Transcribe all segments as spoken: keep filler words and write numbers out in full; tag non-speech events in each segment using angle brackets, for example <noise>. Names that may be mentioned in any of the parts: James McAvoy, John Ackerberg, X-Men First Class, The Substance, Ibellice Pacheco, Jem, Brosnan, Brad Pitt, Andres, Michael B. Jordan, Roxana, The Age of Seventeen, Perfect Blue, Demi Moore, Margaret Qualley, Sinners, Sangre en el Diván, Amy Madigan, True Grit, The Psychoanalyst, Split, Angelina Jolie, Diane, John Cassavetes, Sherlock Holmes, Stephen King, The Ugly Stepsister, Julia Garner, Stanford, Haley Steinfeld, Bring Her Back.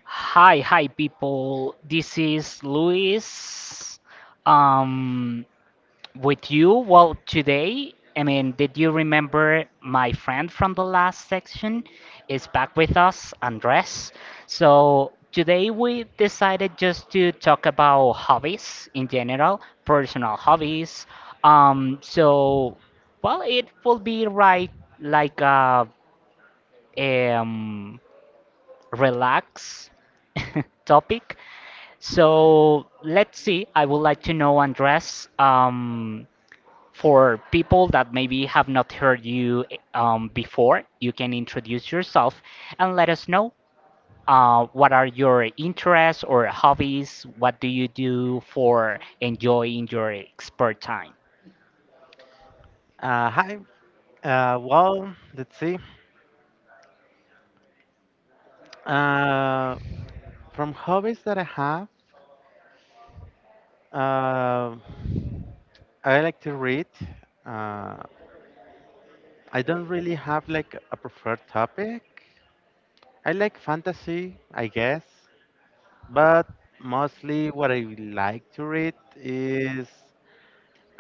Hi, hi people. This is Luis. Um, with you. Well, today, I mean, did you remember my friend from the last section is back with us, Andres. So today we decided just to talk about hobbies in general, personal hobbies. Um, so well, it will be right like a um relax <laughs> topic. So let's see. I would like to know, Andres, um, for people that maybe have not heard you um, before, you can introduce yourself and let us know uh, what are your interests or hobbies. What do you do for enjoying your spare time? Uh, hi. Uh, well, let's see. Uh, from hobbies that I have, uh, I like to read. Uh, I don't really have like a preferred topic. I like fantasy, I guess, but mostly what I like to read is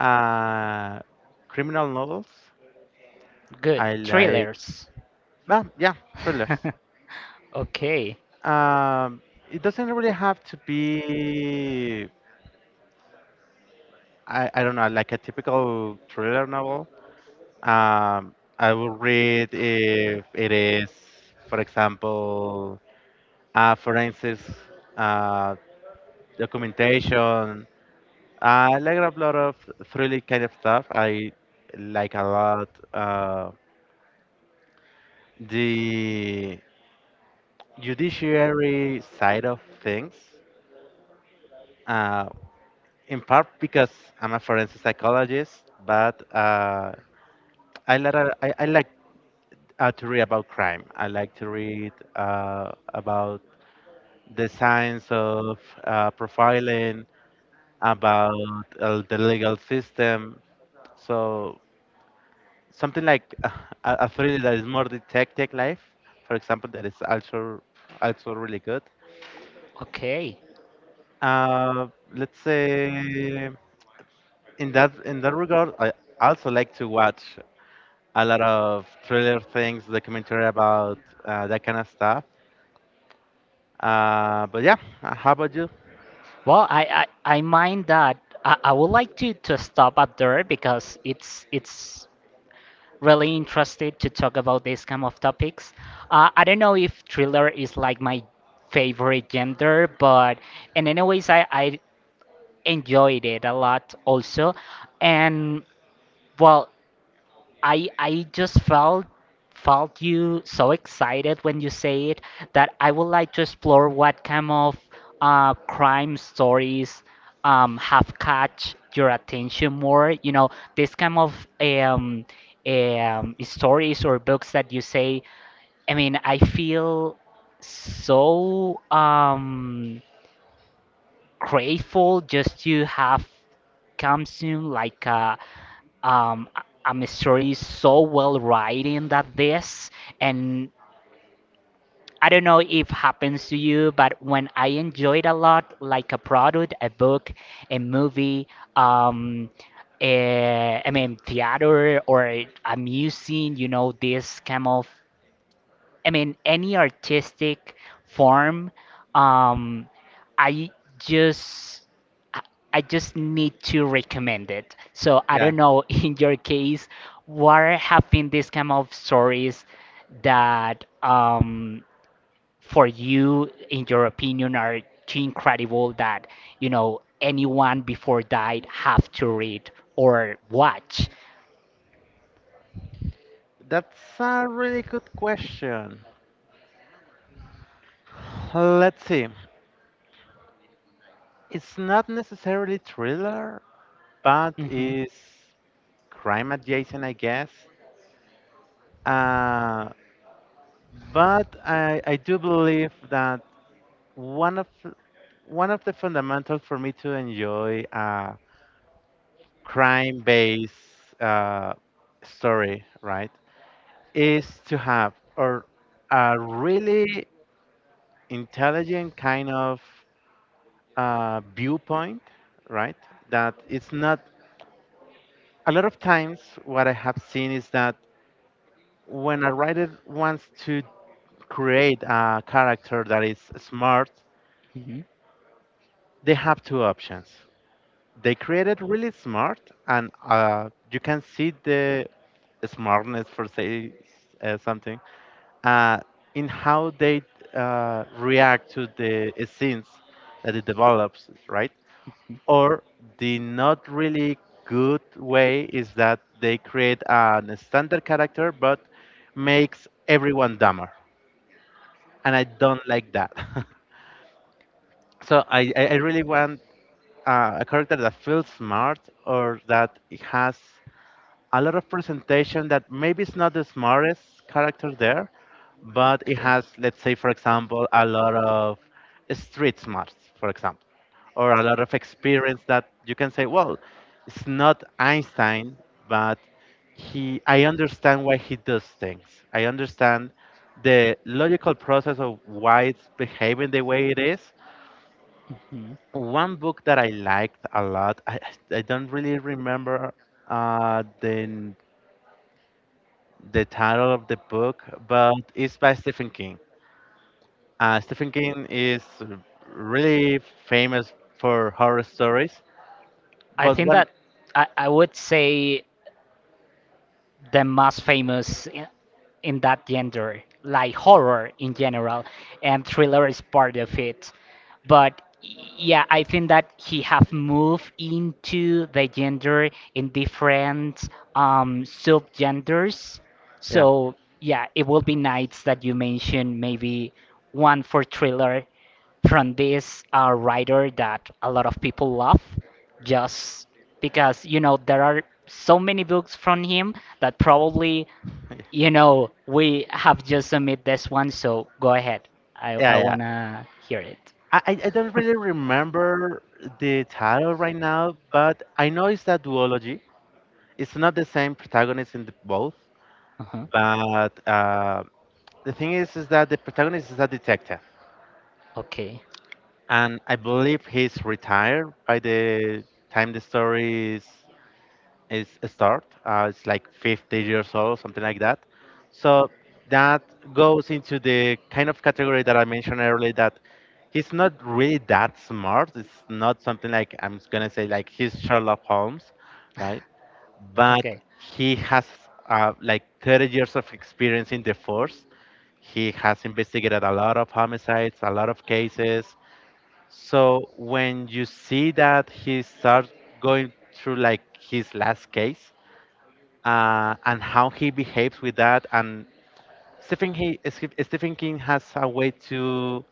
uh, criminal novels. Good I like, thrillers. well, yeah, thrillers. <laughs> okay, Um, it doesn't really have to be I, I don't know, like a typical thriller novel. Um, I will read if it is, for example, uh, forensics uh, documentation. I like a lot of thrilling kind of stuff. I like a lot uh, the judiciary side of things, uh, in part because I'm a forensic psychologist, but uh, I, like I, I like uh, to read about crime. I like to read uh, about the science of uh, profiling, about uh, the legal system. So something like <laughs> uh, a, a thriller that is more detective life, for example, that is also also really good. okay. Uh, let's say in that in that regard, I also like to watch a lot of thriller things, documentary about uh, that kind of stuff. Uh, but yeah, uh, how about you? Well, I, I, I mind that I, I would like to, to stop up there because it's it's really interesting to talk about these kind of topics. Uh, I don't know if thriller is like my favorite genre, but in any ways I, I enjoyed it a lot also. And well, I I just felt felt you so excited when you say it that I would like to explore what kind of uh, crime stories um, have catch your attention more. You know, this kind of um, um, stories or books that you say. I mean, I feel so um grateful just to have come soon like a um a a story so well written that this. And I don't know if happens to you, but when I enjoyed a lot, like a product, a book, a movie, um, eh, I mean theater or a museum, you know, this kind of I mean, any artistic form, um, I just I I just need to recommend it. So I Yeah, don't know, <laughs> in your case, what have been these kind of stories that um, for you, in your opinion, are too incredible that you know anyone before died have to read or watch. that's a really good question. Let's see. It's not necessarily thriller, but Hmm. it's crime adjacent, I guess. Uh, but I, I do believe that one of one of the fundamentals for me to enjoy a crime-based uh, story, right, is to have or a really intelligent kind of uh, viewpoint, right? That it's not — a lot of times what I have seen is that when a writer wants to create a character that is smart, they have two options. They create it really smart, and uh, you can see the smartness for say uh, something uh, in how they uh, react to the scenes that it develops, right? Or the not really good way is that they create an standard character but makes everyone dumber. And I don't like that. <laughs> so I, I I really want uh, a character that feels smart or that it has a lot of presentation that maybe it's not the smartest character there, but it Okay. Hmm. has, let's say, for example, a lot of street smarts, for example, or a lot of experience that you can say, well, it's not Einstein, but he, I understand why he does things. I understand the logical process of why it's behaving the way it is. One book that I liked a lot, I, I don't really remember uh, the the title of the book, but it's by Stephen King. Uh, Stephen King is really famous for horror stories, I but think one, that I, I would say the most famous i- in that genre, like horror in general, and thriller is part of it. But yeah, I think that he have moved into the genre in different um, subgenders. yeah, So yeah, it will be nice that you mention maybe one for thriller from this uh, writer that a lot of people love just because you know there are so many books from him that probably <laughs> you know we have just submit this one. So go ahead, i, yeah, I yeah. wanna hear it. I, I I don't really remember the title right now, but I know it's a duology. It's not the same protagonist in the both, Uh-huh. but uh, the thing is, is that the protagonist is a detective, Okay. and I believe he's retired by the time the story is is start. Uh, it's like 50 years old, something like that. So that goes into the kind of category that I mentioned earlier that he's not really that smart. It's not something like I'm gonna say like he's Sherlock Holmes, right? But Okay. he has uh, like 30 years of experience in the force. He has investigated a lot of homicides, a lot of cases. So when you see that he starts going through like his last case uh, and how he behaves with that, and Stephen he, Steph- Stephen King has a way to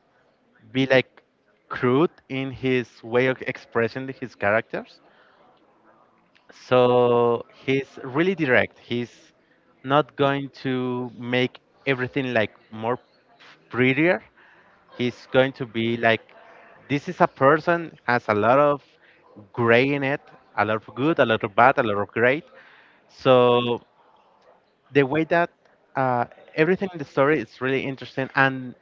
be like crude in his way of expressing his characters. So he's really direct. He's not going to make everything like more prettier. He's going to be like, this is a person has a lot of gray in it, a lot of good, a lot of bad, a lot of great. So the way that uh, everything in the story is really interesting, and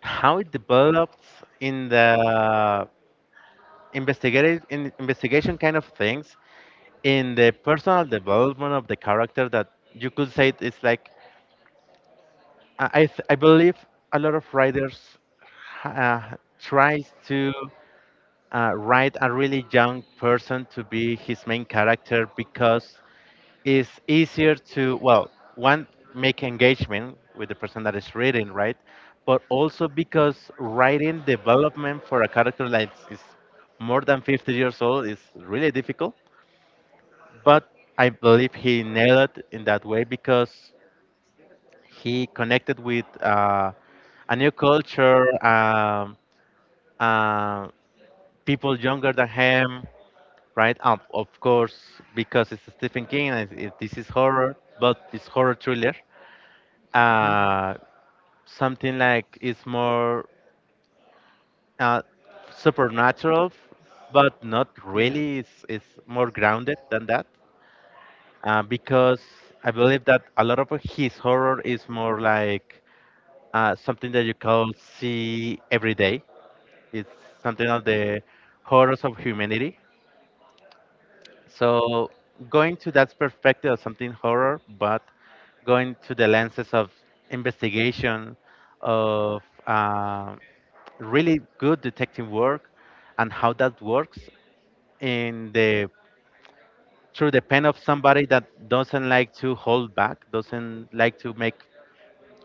how it develops in the — investigative in investigation kind of things, in the personal development of the character that you could say it's like — i i, th- I believe a lot of writers uh, tries to uh, write a really young person to be his main character because it's easier to, well, one, make engagement with the person that is reading, right, but also because writing development for a character that is more than 50 years old is really difficult. But I believe he nailed it in that way because he connected with uh, a new culture, um, uh, people younger than him, right? Um, of course, because it's Stephen King and it, this is horror, but it's horror thriller. Hmm? Uh, Something like it's more uh, supernatural, but not Yeah. really. It's, it's more grounded than that uh, because I believe that a lot of his horror is more like uh, something that you can see every day. It's something of the horrors of humanity. So going to that perspective of something horror, but going to the lenses of investigation, of uh, really good detective work, and how that works in the — through the pen of somebody that doesn't like to hold back, doesn't like to make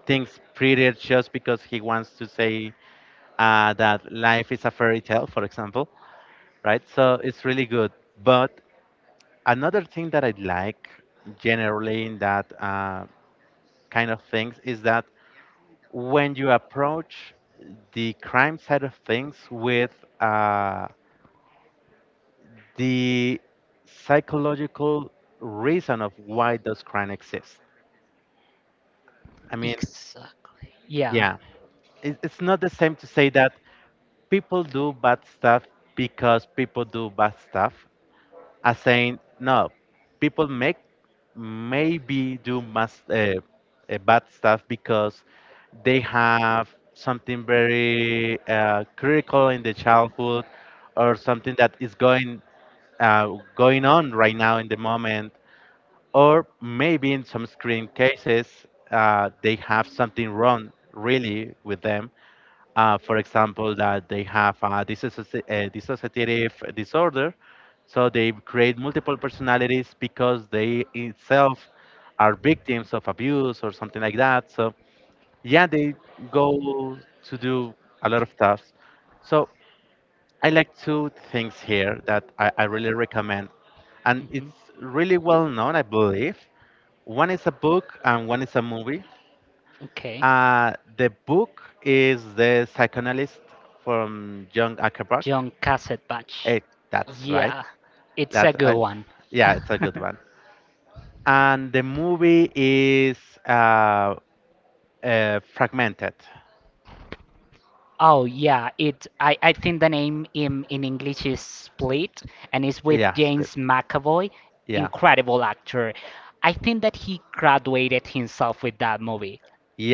things prettier just because he wants to say uh, that life is a fairy tale, for example, right? So it's really good, but another thing that I like generally in that uh, kind of things is that when you approach the crime side of things with uh, the psychological reason of why does crime exist. I mean, Exactly. Yeah. yeah, it, it's not the same to say that people do bad stuff because people do bad stuff, as saying no, people make — maybe do mas uh, uh, bad stuff because they have something very uh, critical in the childhood, or something that is going uh, going on right now in the moment, or maybe in some extreme cases uh, they have something wrong really with them, uh, for example, that they have a, disassoci- a dissociative disorder. So they create multiple personalities because they itself are victims of abuse or something like that. So yeah, they go to do a lot of stuff. So I like two things here that I, I really recommend, and Hmm. it's really well known, I believe. One is a book and one is a movie. Okay. Uh, the book is The Psychoanalyst from John Ackerberg. John Cassavetes. It, that's right. Yeah, it's a That's good I, one. <laughs> yeah, it's a good one. And the movie is uh, uh, fragmented. Oh yeah, it. I, I think the name in in English is Split, and it's with Yeah, split. James McAvoy, Yeah, incredible actor. I think that he graduated himself with that movie.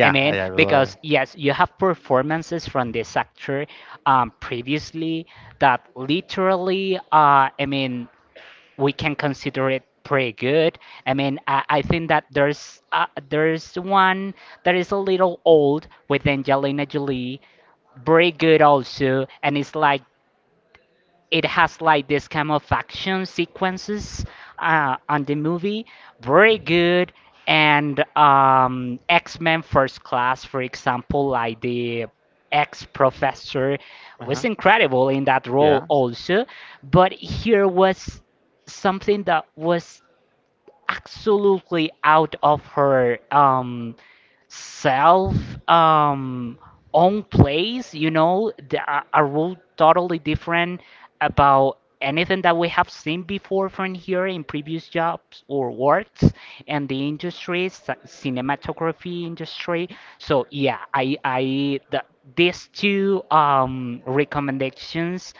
I mean, I, I will. because yes, you have performances from this actor um, previously that literally, uh, I mean, we can consider it pretty good. I mean, I, I think that there's uh, there's one that is a little old with Angelina Jolie, very good also, and it's like it has like this kind of action sequences uh, on the movie. Very good. And um, X-Men First Class, for example, like the ex-professor was Uh-huh. incredible in that role Yeah, also. But here was something that was absolutely out of her um self um own place, you know, the, a, a rule totally different about anything that we have seen before from here in previous jobs or works and the industry c- cinematography industry. So yeah, i i the, these two um recommendations,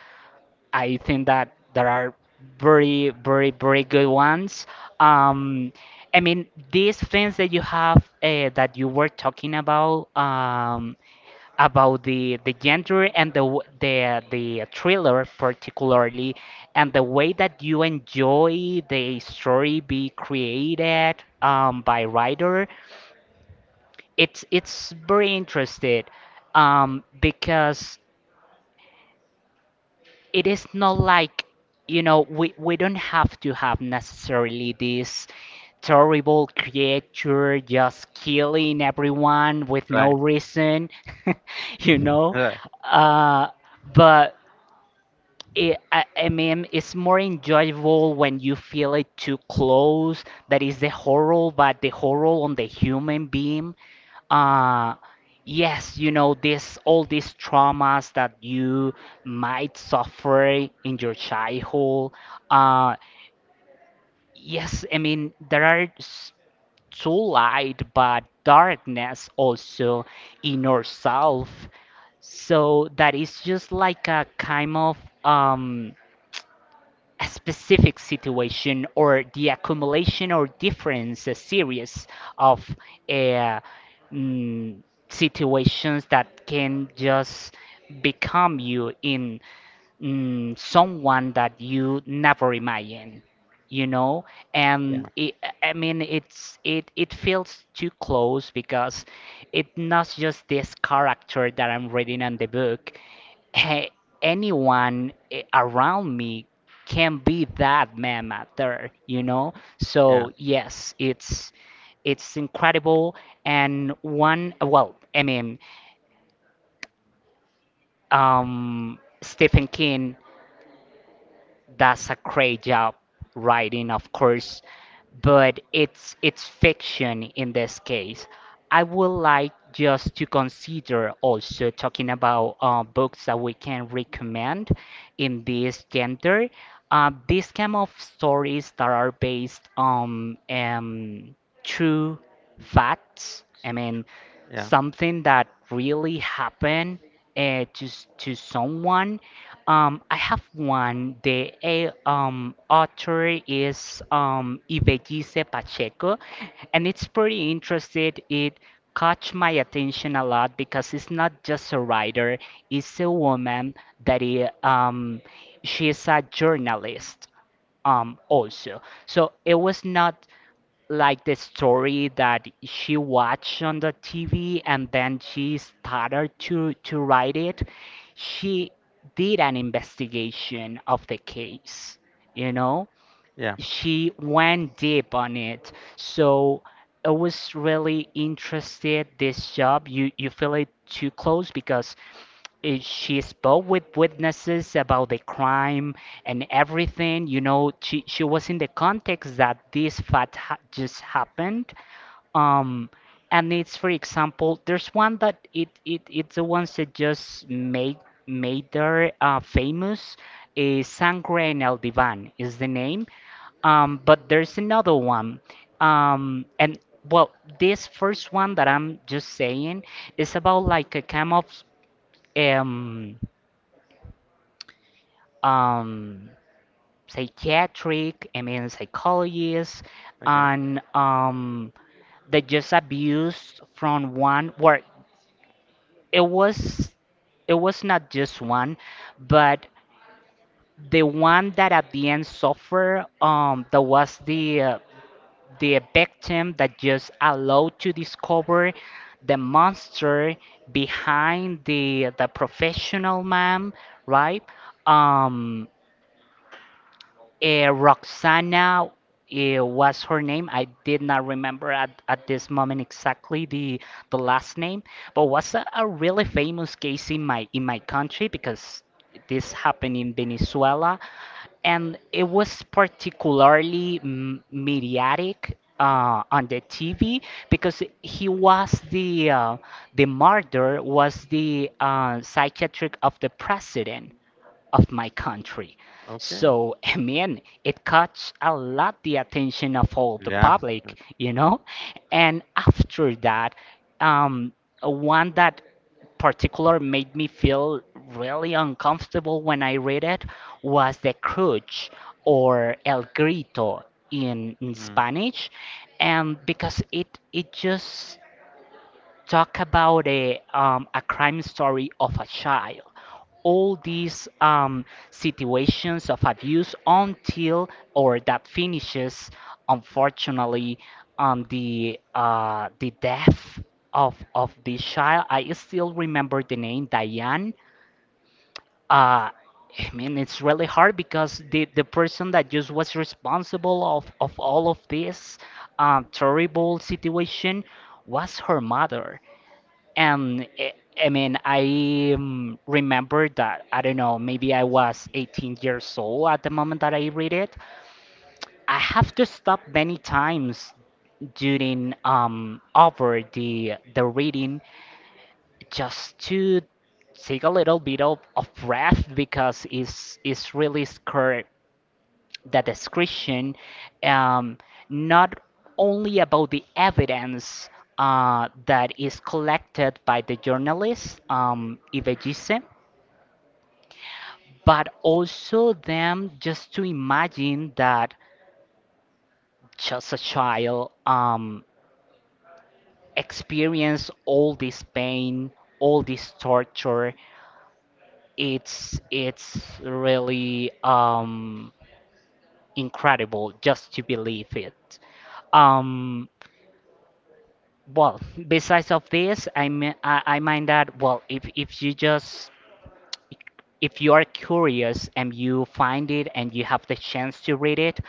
I think that there are very, very, very good ones. Um, I mean, these things that you have uh, that you were talking about um, about the the genre and the w- the the thriller particularly, and the way that you enjoy the story be created um, by writer. It's it's very interesting um, because it is not like, you know, we, we don't have to have necessarily this terrible creature just killing everyone with no right. reason. <laughs> You know, Right. uh, but it, I, I mean, it's more enjoyable when you feel it too close. That is the horror, but the horror on the human being. Uh, yes, you know, this all these traumas that you might suffer in your childhood. Uh, yes, I mean, there are s- to light but darkness also in ourselves, so that is just like a kind of um a specific situation or the accumulation or difference, a series of uh, mm, situations that can just become you in mm, someone that you never imagine, you know. Yeah, And it, I mean it's it it feels too close because it's not just this character that I'm reading on the book. <laughs> Eh, anyone eh, around me can be that man out there, you know. yeah, So yes, it's it's incredible. And one, well, I mean, um stephen king does a great job writing, of course, but it's it's fiction in this case. I would like just to consider also talking about uh, books that we can recommend in this gender. Uh, these kind of stories that are based on um, true facts. I mean, yeah, something that really happened uh, to s- to someone. Um, I have one. The eh, um, author is um, Ibellice Pacheco, and it's pretty interesting. It caught my attention a lot because it's not just a writer; it's a woman that i- um, she is a journalist um also. So it was not like the story that she watched on the T V and then she started to to write it. She did an investigation of the case, you know? yeah. She went deep on it. So I was really interested this job. You you feel it too close because eh, she spoke with witnesses about the crime and everything. You know, she she was in the context that this fact ha just happened. Um, and it's for example, there's one that it, it it's the ones that just made made her uh, famous. Is Sangre en el Diván is the name. Um, but there's another one. Um, and well, this first one that I'm just saying is about like a kind of um, um, psychiatric, I mean, psychologist, Okay, and um, that just abused from one where it was it was not just one, but the one that at the end suffered um, that was the uh, the victim that just allowed to discover the monster behind the the professional man, right? Um, uh, Roxana uh, was her name. I did not remember at, at this moment exactly the the last name, but was a, a really famous case in my in my country because this happened in Venezuela, and it was particularly m- mediatic uh, on the T V because he was the uh, the murderer was the uh, psychiatric of the president of my country. okay. So, <laughs> I mean, it caught a lot the attention of all the Yeah. public, you know? And after that, um, one that particular made me feel really uncomfortable when I read it was the crutch or el grito in, in Mm. Spanish, and because it it just talk about a, um, a crime story of a child. All these um, situations of abuse until or that finishes, unfortunately, on the uh, the death of of this child. I still remember the name Diane. Uh, I mean, it's really hard because the, the person that just was responsible of, of all of this um, terrible situation was her mother. And eh, I mean, I um, remember that, I don't know, maybe I was eighteen years old at the moment that I read it. I have to stop many times during um over the the reading just to take a little bit of, of breath because it's it's really scary the description um, not only about the evidence uh, that is collected by the journalist, um, Ibejise, but also them just to imagine that just a child um, experience all this pain, all this torture. It's it's really um, incredible just to believe it. Um, Well, besides of this, I mean, I, I mind that, well, if if you just if you are curious and you find it and you have the chance to read it,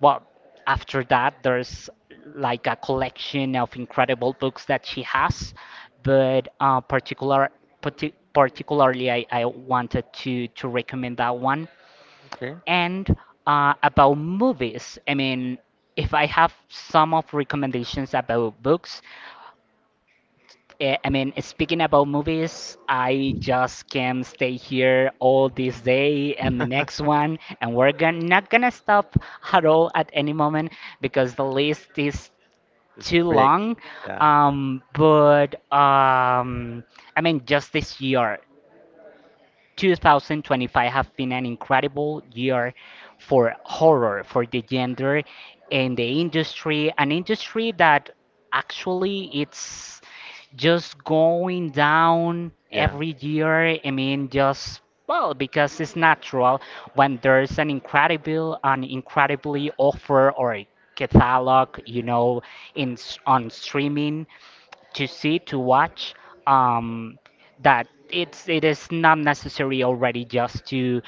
well, after that, there's like a collection of incredible books that she has, but uh, particular parti particularly, I, I wanted to to recommend that one. Okay. And uh, about movies, I mean, if I have some of recommendations about books, eh, I mean, speaking about movies, I just can stay here all this day and the next one, and we're gon- not gonna stop at all at any moment because the list is It's too fake. long. Yeah. Um, but um, I mean, just this year, two thousand twenty-five have been an incredible year for horror, for the gender and the industry, an industry that actually it's just going down Yeah. every year. I mean, just well, because it's natural when there's an incredible, an incredibly offer or catalog, you know, in s- on streaming to see to watch um that it's it is not necessary already just to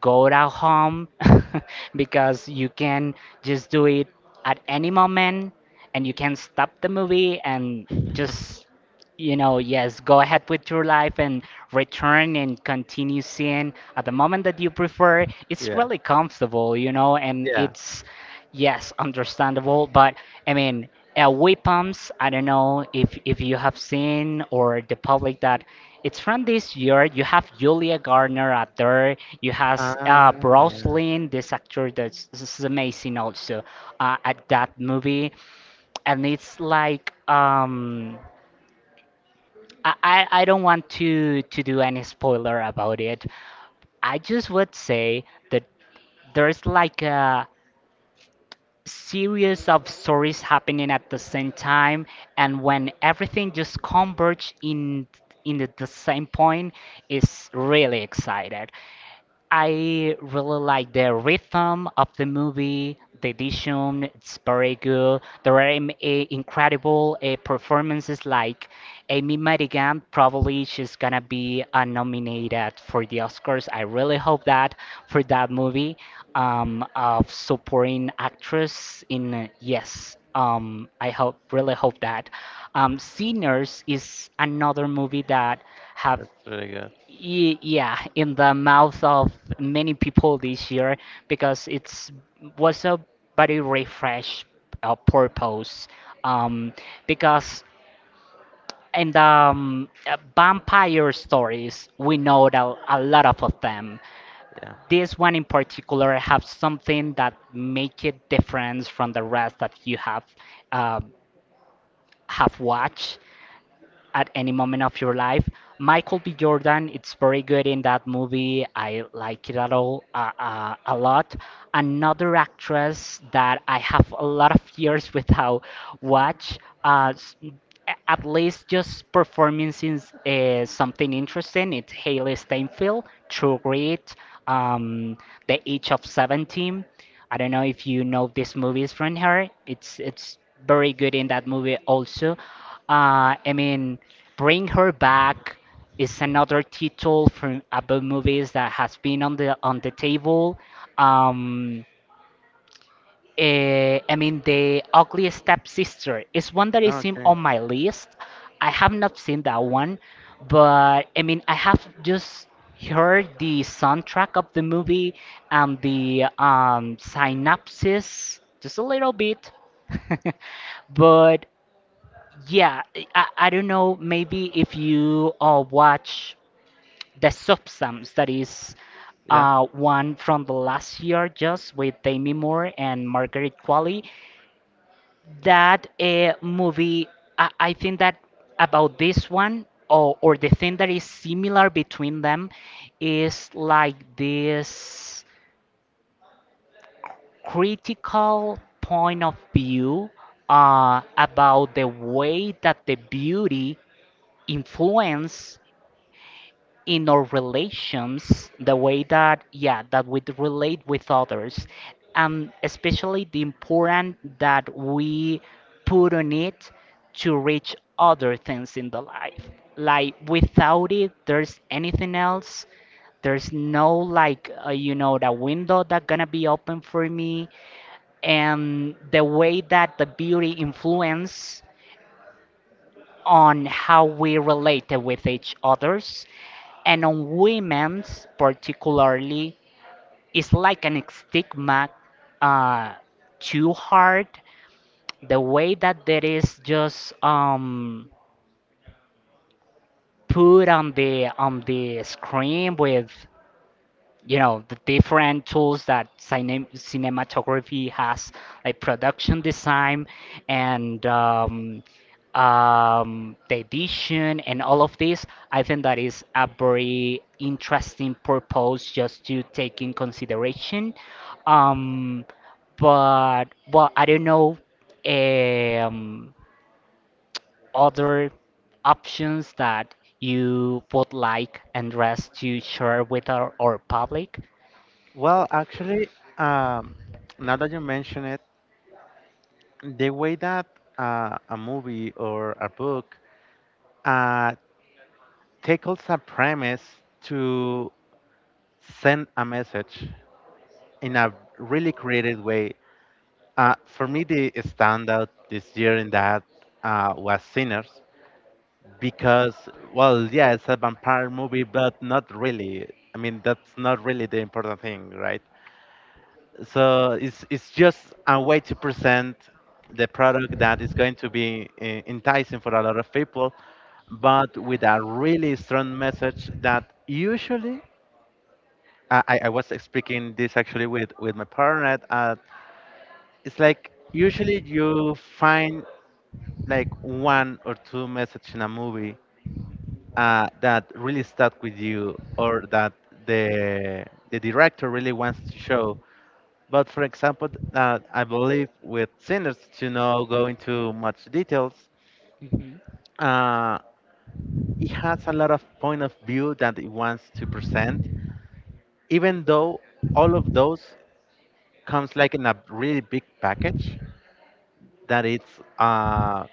go to home <laughs> because you can just do it at any moment, and you can stop the movie and <laughs> just you know, yes, go ahead with your life and return and continue seeing at the moment that you prefer. It's Yeah. really comfortable, you know, and Yeah. it's, yes, understandable. But I mean, uh, Weapons, I don't know if, if you have seen or the public that it's from this year. You have Julia Garner out there. You have Ah, uh, yeah. Brosnan, this actor that's is amazing also uh, at that movie. And it's like, um, I, I I don't want to to do any spoiler about it. I just would say that there's like a series of stories happening at the same time, and when everything just converge in in the, the same point, is really excited. I really like the rhythm of the movie. The edition, it's very good. There are im- eh, incredible uh, performances like Amy Madigan. Probably she's gonna be uh, nominated for the Oscars. I really hope that for that movie um, of supporting actress in uh, yes. Um, I hope really hope that. Um, Sinners is another movie that have That's really good. Ye- yeah, in the mouth of many people this year because it's was a very refresh uh, purpose. Um, because in the um, uh, vampire stories, we know that a lot of of them. Yeah. This one in particular have something that make it different from the rest that you have uh, have watched at any moment of your life. Michael B. Jordan, it's very good in that movie. I like it at all uh, uh, a lot. Another actress that I have a lot of years without watch, uh, s- a- at least just performing since uh, something interesting. It's Haley Steinfeld, True Grit, um, The Age of Seventeen. I don't know if you know these movies from her. It's it's very good in that movie also. Uh, I mean, Bring Her Back is another title from about movies that has been on the on the table. Um, eh, I mean, The Ugly Stepsister is one that is in, Okay. on my list. I have not seen that one, but I mean, I have just heard the soundtrack of the movie and the um, synopsis just a little bit. <laughs> But yeah, I, I don't know. Maybe if you uh, watch The Substance, that is Yeah. uh, one from the last year, just with Demi Moore and Margaret Qualley. That uh, movie, I, I think that about this one, or, or the thing that is similar between them, is like this critical point of view uh, about the way that the beauty influence in our relations, the way that yeah, that we relate with others, and especially the importance that we put on it to reach other things in the life. Like without it, there's anything else. There's no like uh, you know the window that gonna be open for me, and the way that the beauty influence on how we relate with each others and on women's particularly it's like an stigma uh, too hard the way that there is just um, put on the on the screen with you know the different tools that cine- cinematography has like production design and um, um, the edition. And all of this, I think that is a very interesting purpose just to take in consideration. Um, but well, I don't know, um, other options that you would like and rest to share with our, our public. Well, actually, um, now that you mention it, the way that uh, a movie or a book uh, tackles a premise to send a message in a really creative way. Uh, for me, the standout this year in that uh, was Sinners. Because, well, yeah, it's a vampire movie, but not really. I mean, that's not really the important thing, right? So it's — it's just a way to present the product that is going to be eh, enticing for a lot of people, but with a really strong message that usually I, I I was speaking this actually with with my partner. Uh, it's like usually you find like one or two message in a movie uh, that really stuck with you, or that the the director really wants to show. But for example, th- uh, I believe with Sinners, to not go into much details, Hmm. uh, it has a lot of point of view that it wants to present, even though all of those comes like in a really big package that it's uh,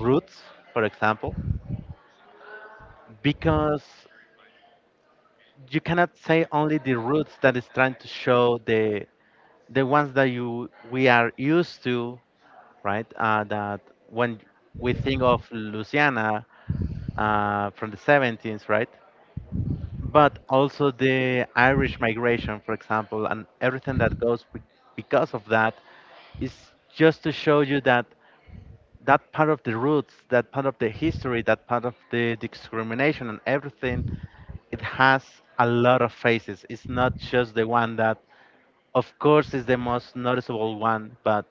roots, for example, because you cannot say only the roots that is trying to show the — the ones that you we are used to, right? Uh, that when we think of Louisiana uh, from the seventeenth, right? But also the Irish migration, for example, and everything that goes be- because of that is just to show you that that part of the roots, that part of the history, that part of the discrimination and everything, it has a lot of faces. It's not just the one that, of course, is the most noticeable one, but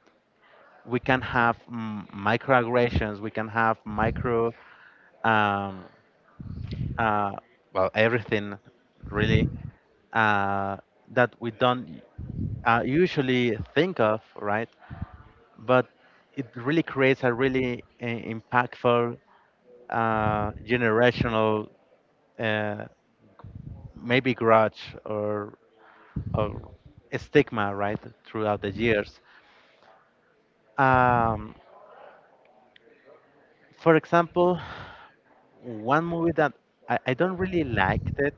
we can have mm, microaggressions, we can have micro, um, uh, well, everything really uh, that we don't uh, usually think of, right? But it really creates a really uh, impactful uh, generational, uh, maybe grudge, or, or a stigma, right, throughout the years. Um, for example, one movie that I, I don't really liked it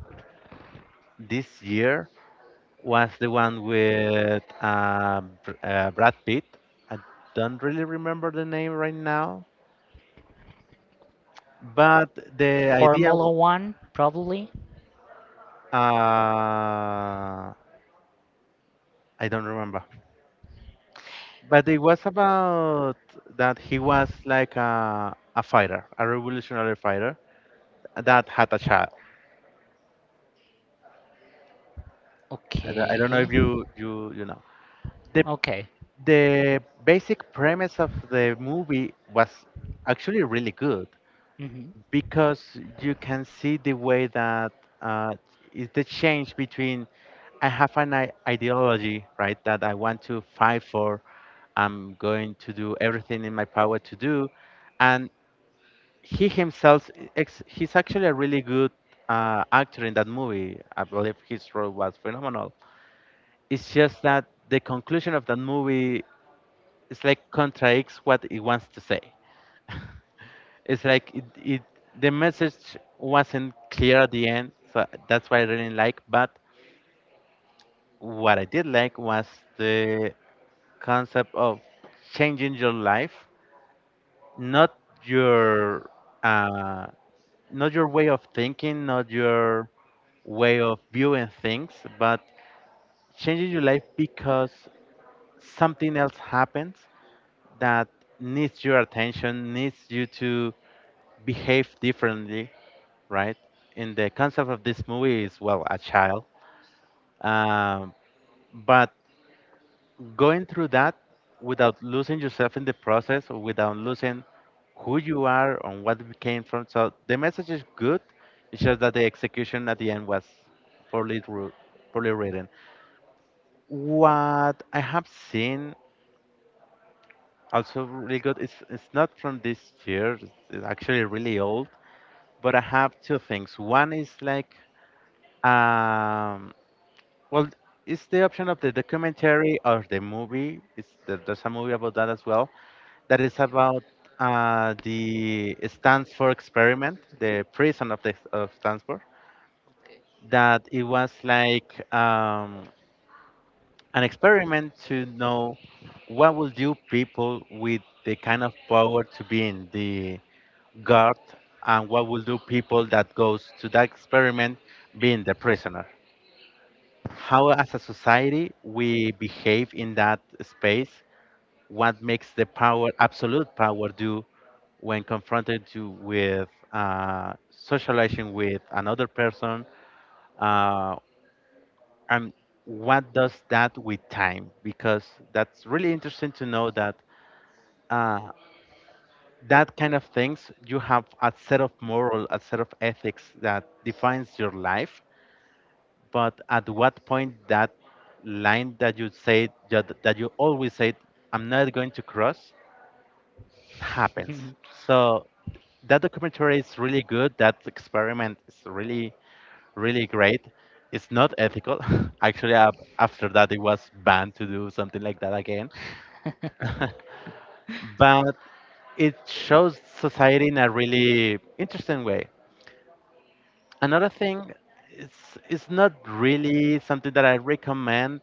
this year was the one with uh, Br- uh, Brad Pitt. I don't really remember the name right now, but the idea Formula wa- One, probably. uh, I don't remember. But it was about that he was like a, a fighter, a revolutionary fighter that had a child. And I I don't know Okay. if you you you know. The Okay. the basic premise of the movie was actually really good Hmm. because you can see the way that uh, is the change between I have an I- ideology, right, that I want to fight for. I'm going to do everything in my power to do, and he himself, ex- he's actually a really good uh, actor in that movie. I believe his role was phenomenal. It's just that the conclusion of that movie it's like contradicts what it wants to say. <laughs> it's like it, it the message wasn't clear at the end, so that's why I didn't like. But what I did like was the concept of changing your life, not your uh, not your way of thinking, not your way of viewing things, but changing your life because something else happens that needs your attention, needs you to behave differently, right? And the concept of this movie is, well, a child. Um, but going through that without losing yourself in the process, or without losing who you are and what you came from. So the message is good. It's just that the execution at the end was poorly wrote, poorly written. What I have seen also really good. It's it's not from this year. It's it's actually really old. But I have two things. One is like um, Well, it's the option of the documentary or the movie. It's the, there's a movie about that as well. That is about uh, the Stanford experiment, the prison of the of Stanford. That it was like um, an experiment to know what will do people with the kind of power to be in the guard, and what will do people that goes to that experiment being the prisoner. How as a society we behave in that space, what makes the power, absolute power, do when confronted to with uh, socializing with another person, uh, and what does that with time, because that's really interesting to know that uh, that kind of things, you have a set of moral, a set of ethics that defines your life. But at what point that line that you said that, that you always said I'm not going to cross happens. So that documentary is really good. That experiment is really really great. It's not ethical. <laughs> Actually, ab- after that, it was banned to do something like that again. <laughs> <laughs> But it shows society in a really interesting way. Another thing, it's it's not really something that I recommend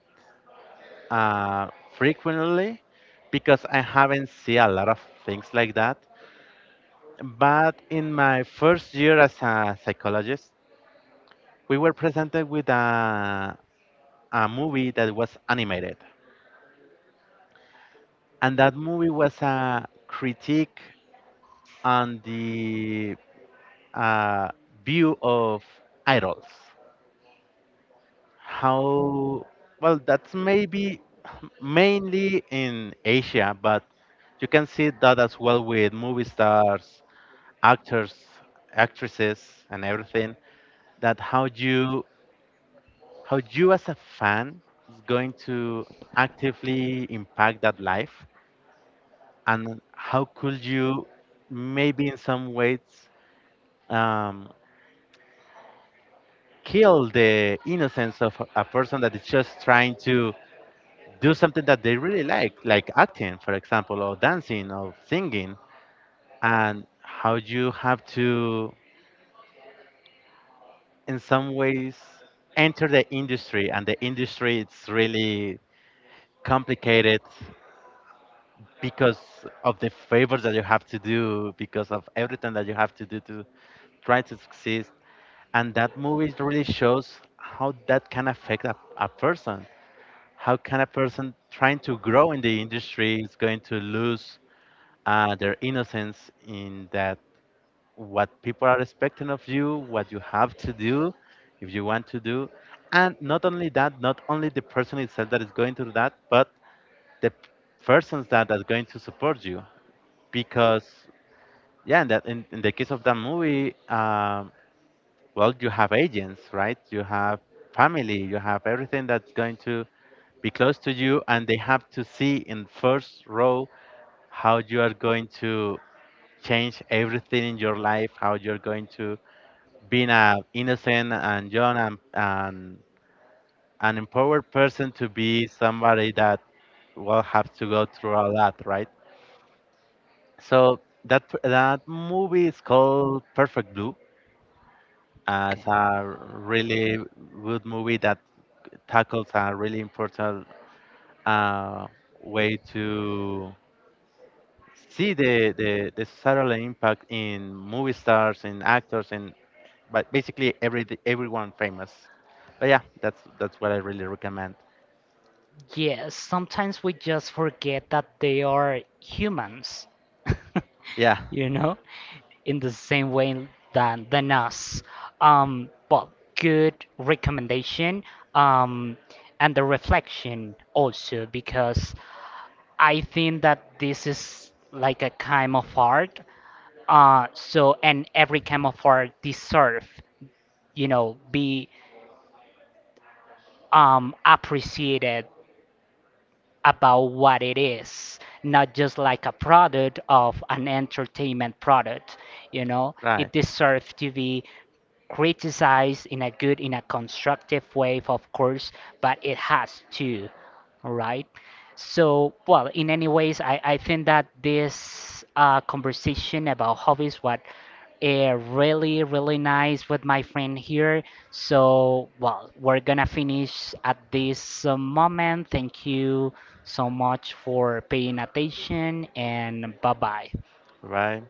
uh, frequently because I haven't seen a lot of things like that. But in my first year as a psychologist, we were presented with a, a movie that was animated. And that movie was a critique on the uh, view of idols. How, well, that's maybe mainly in Asia, but you can see that as well with movie stars, actors, actresses, and everything. That how you, how you as a fan is going to actively impact that life, and how could you maybe in some ways um, kill the innocence of a a person that is just trying to do something that they really like, like acting, for example, or dancing or singing, and how you have to in some ways enter the industry, and the industry it's really complicated because of the favors that you have to do, because of everything that you have to do to try to succeed. And that movie really shows how that can affect a, a person, how can a person trying to grow in the industry is going to lose uh, their innocence in that, what people are expecting of you, what you have to do if you want to do. And not only that, not only the person itself that is going through that, but the p- persons that are going to support you. Because, yeah, in, that, in, in the case of that movie, um, well, you have agents, right? You have family, you have everything that's going to be close to you, and they have to see in first row how you are going to change everything in your life, how you're going to being a innocent and young and, and an empowered person to be somebody that will have to go through a lot, right? So that that movie is called Perfect Blue. Uh, it's Okay. a really good movie that tackles a really important uh, way to see the, the, the societal impact in movie stars, in actors, and but basically every everyone famous. But yeah, that's that's what I really recommend. Yes, sometimes we just forget that they are humans, <laughs> Yeah, you know, in the same way than than us. Um, but good recommendation. Um, and the reflection also, because I think that this is like a kind of art. Uh, so and every kind of art deserve, you know, be um appreciated about what it is, not just like a product of an entertainment product. You know, right, it deserves to be criticize in a good, in a constructive way, of course, but it has to, right? So, well, in any ways, I, I think that this uh, conversation about hobbies, what uh, really, really nice with my friend here. So, well, we're gonna finish at this uh, moment. Thank you so much for paying attention, and bye bye. right.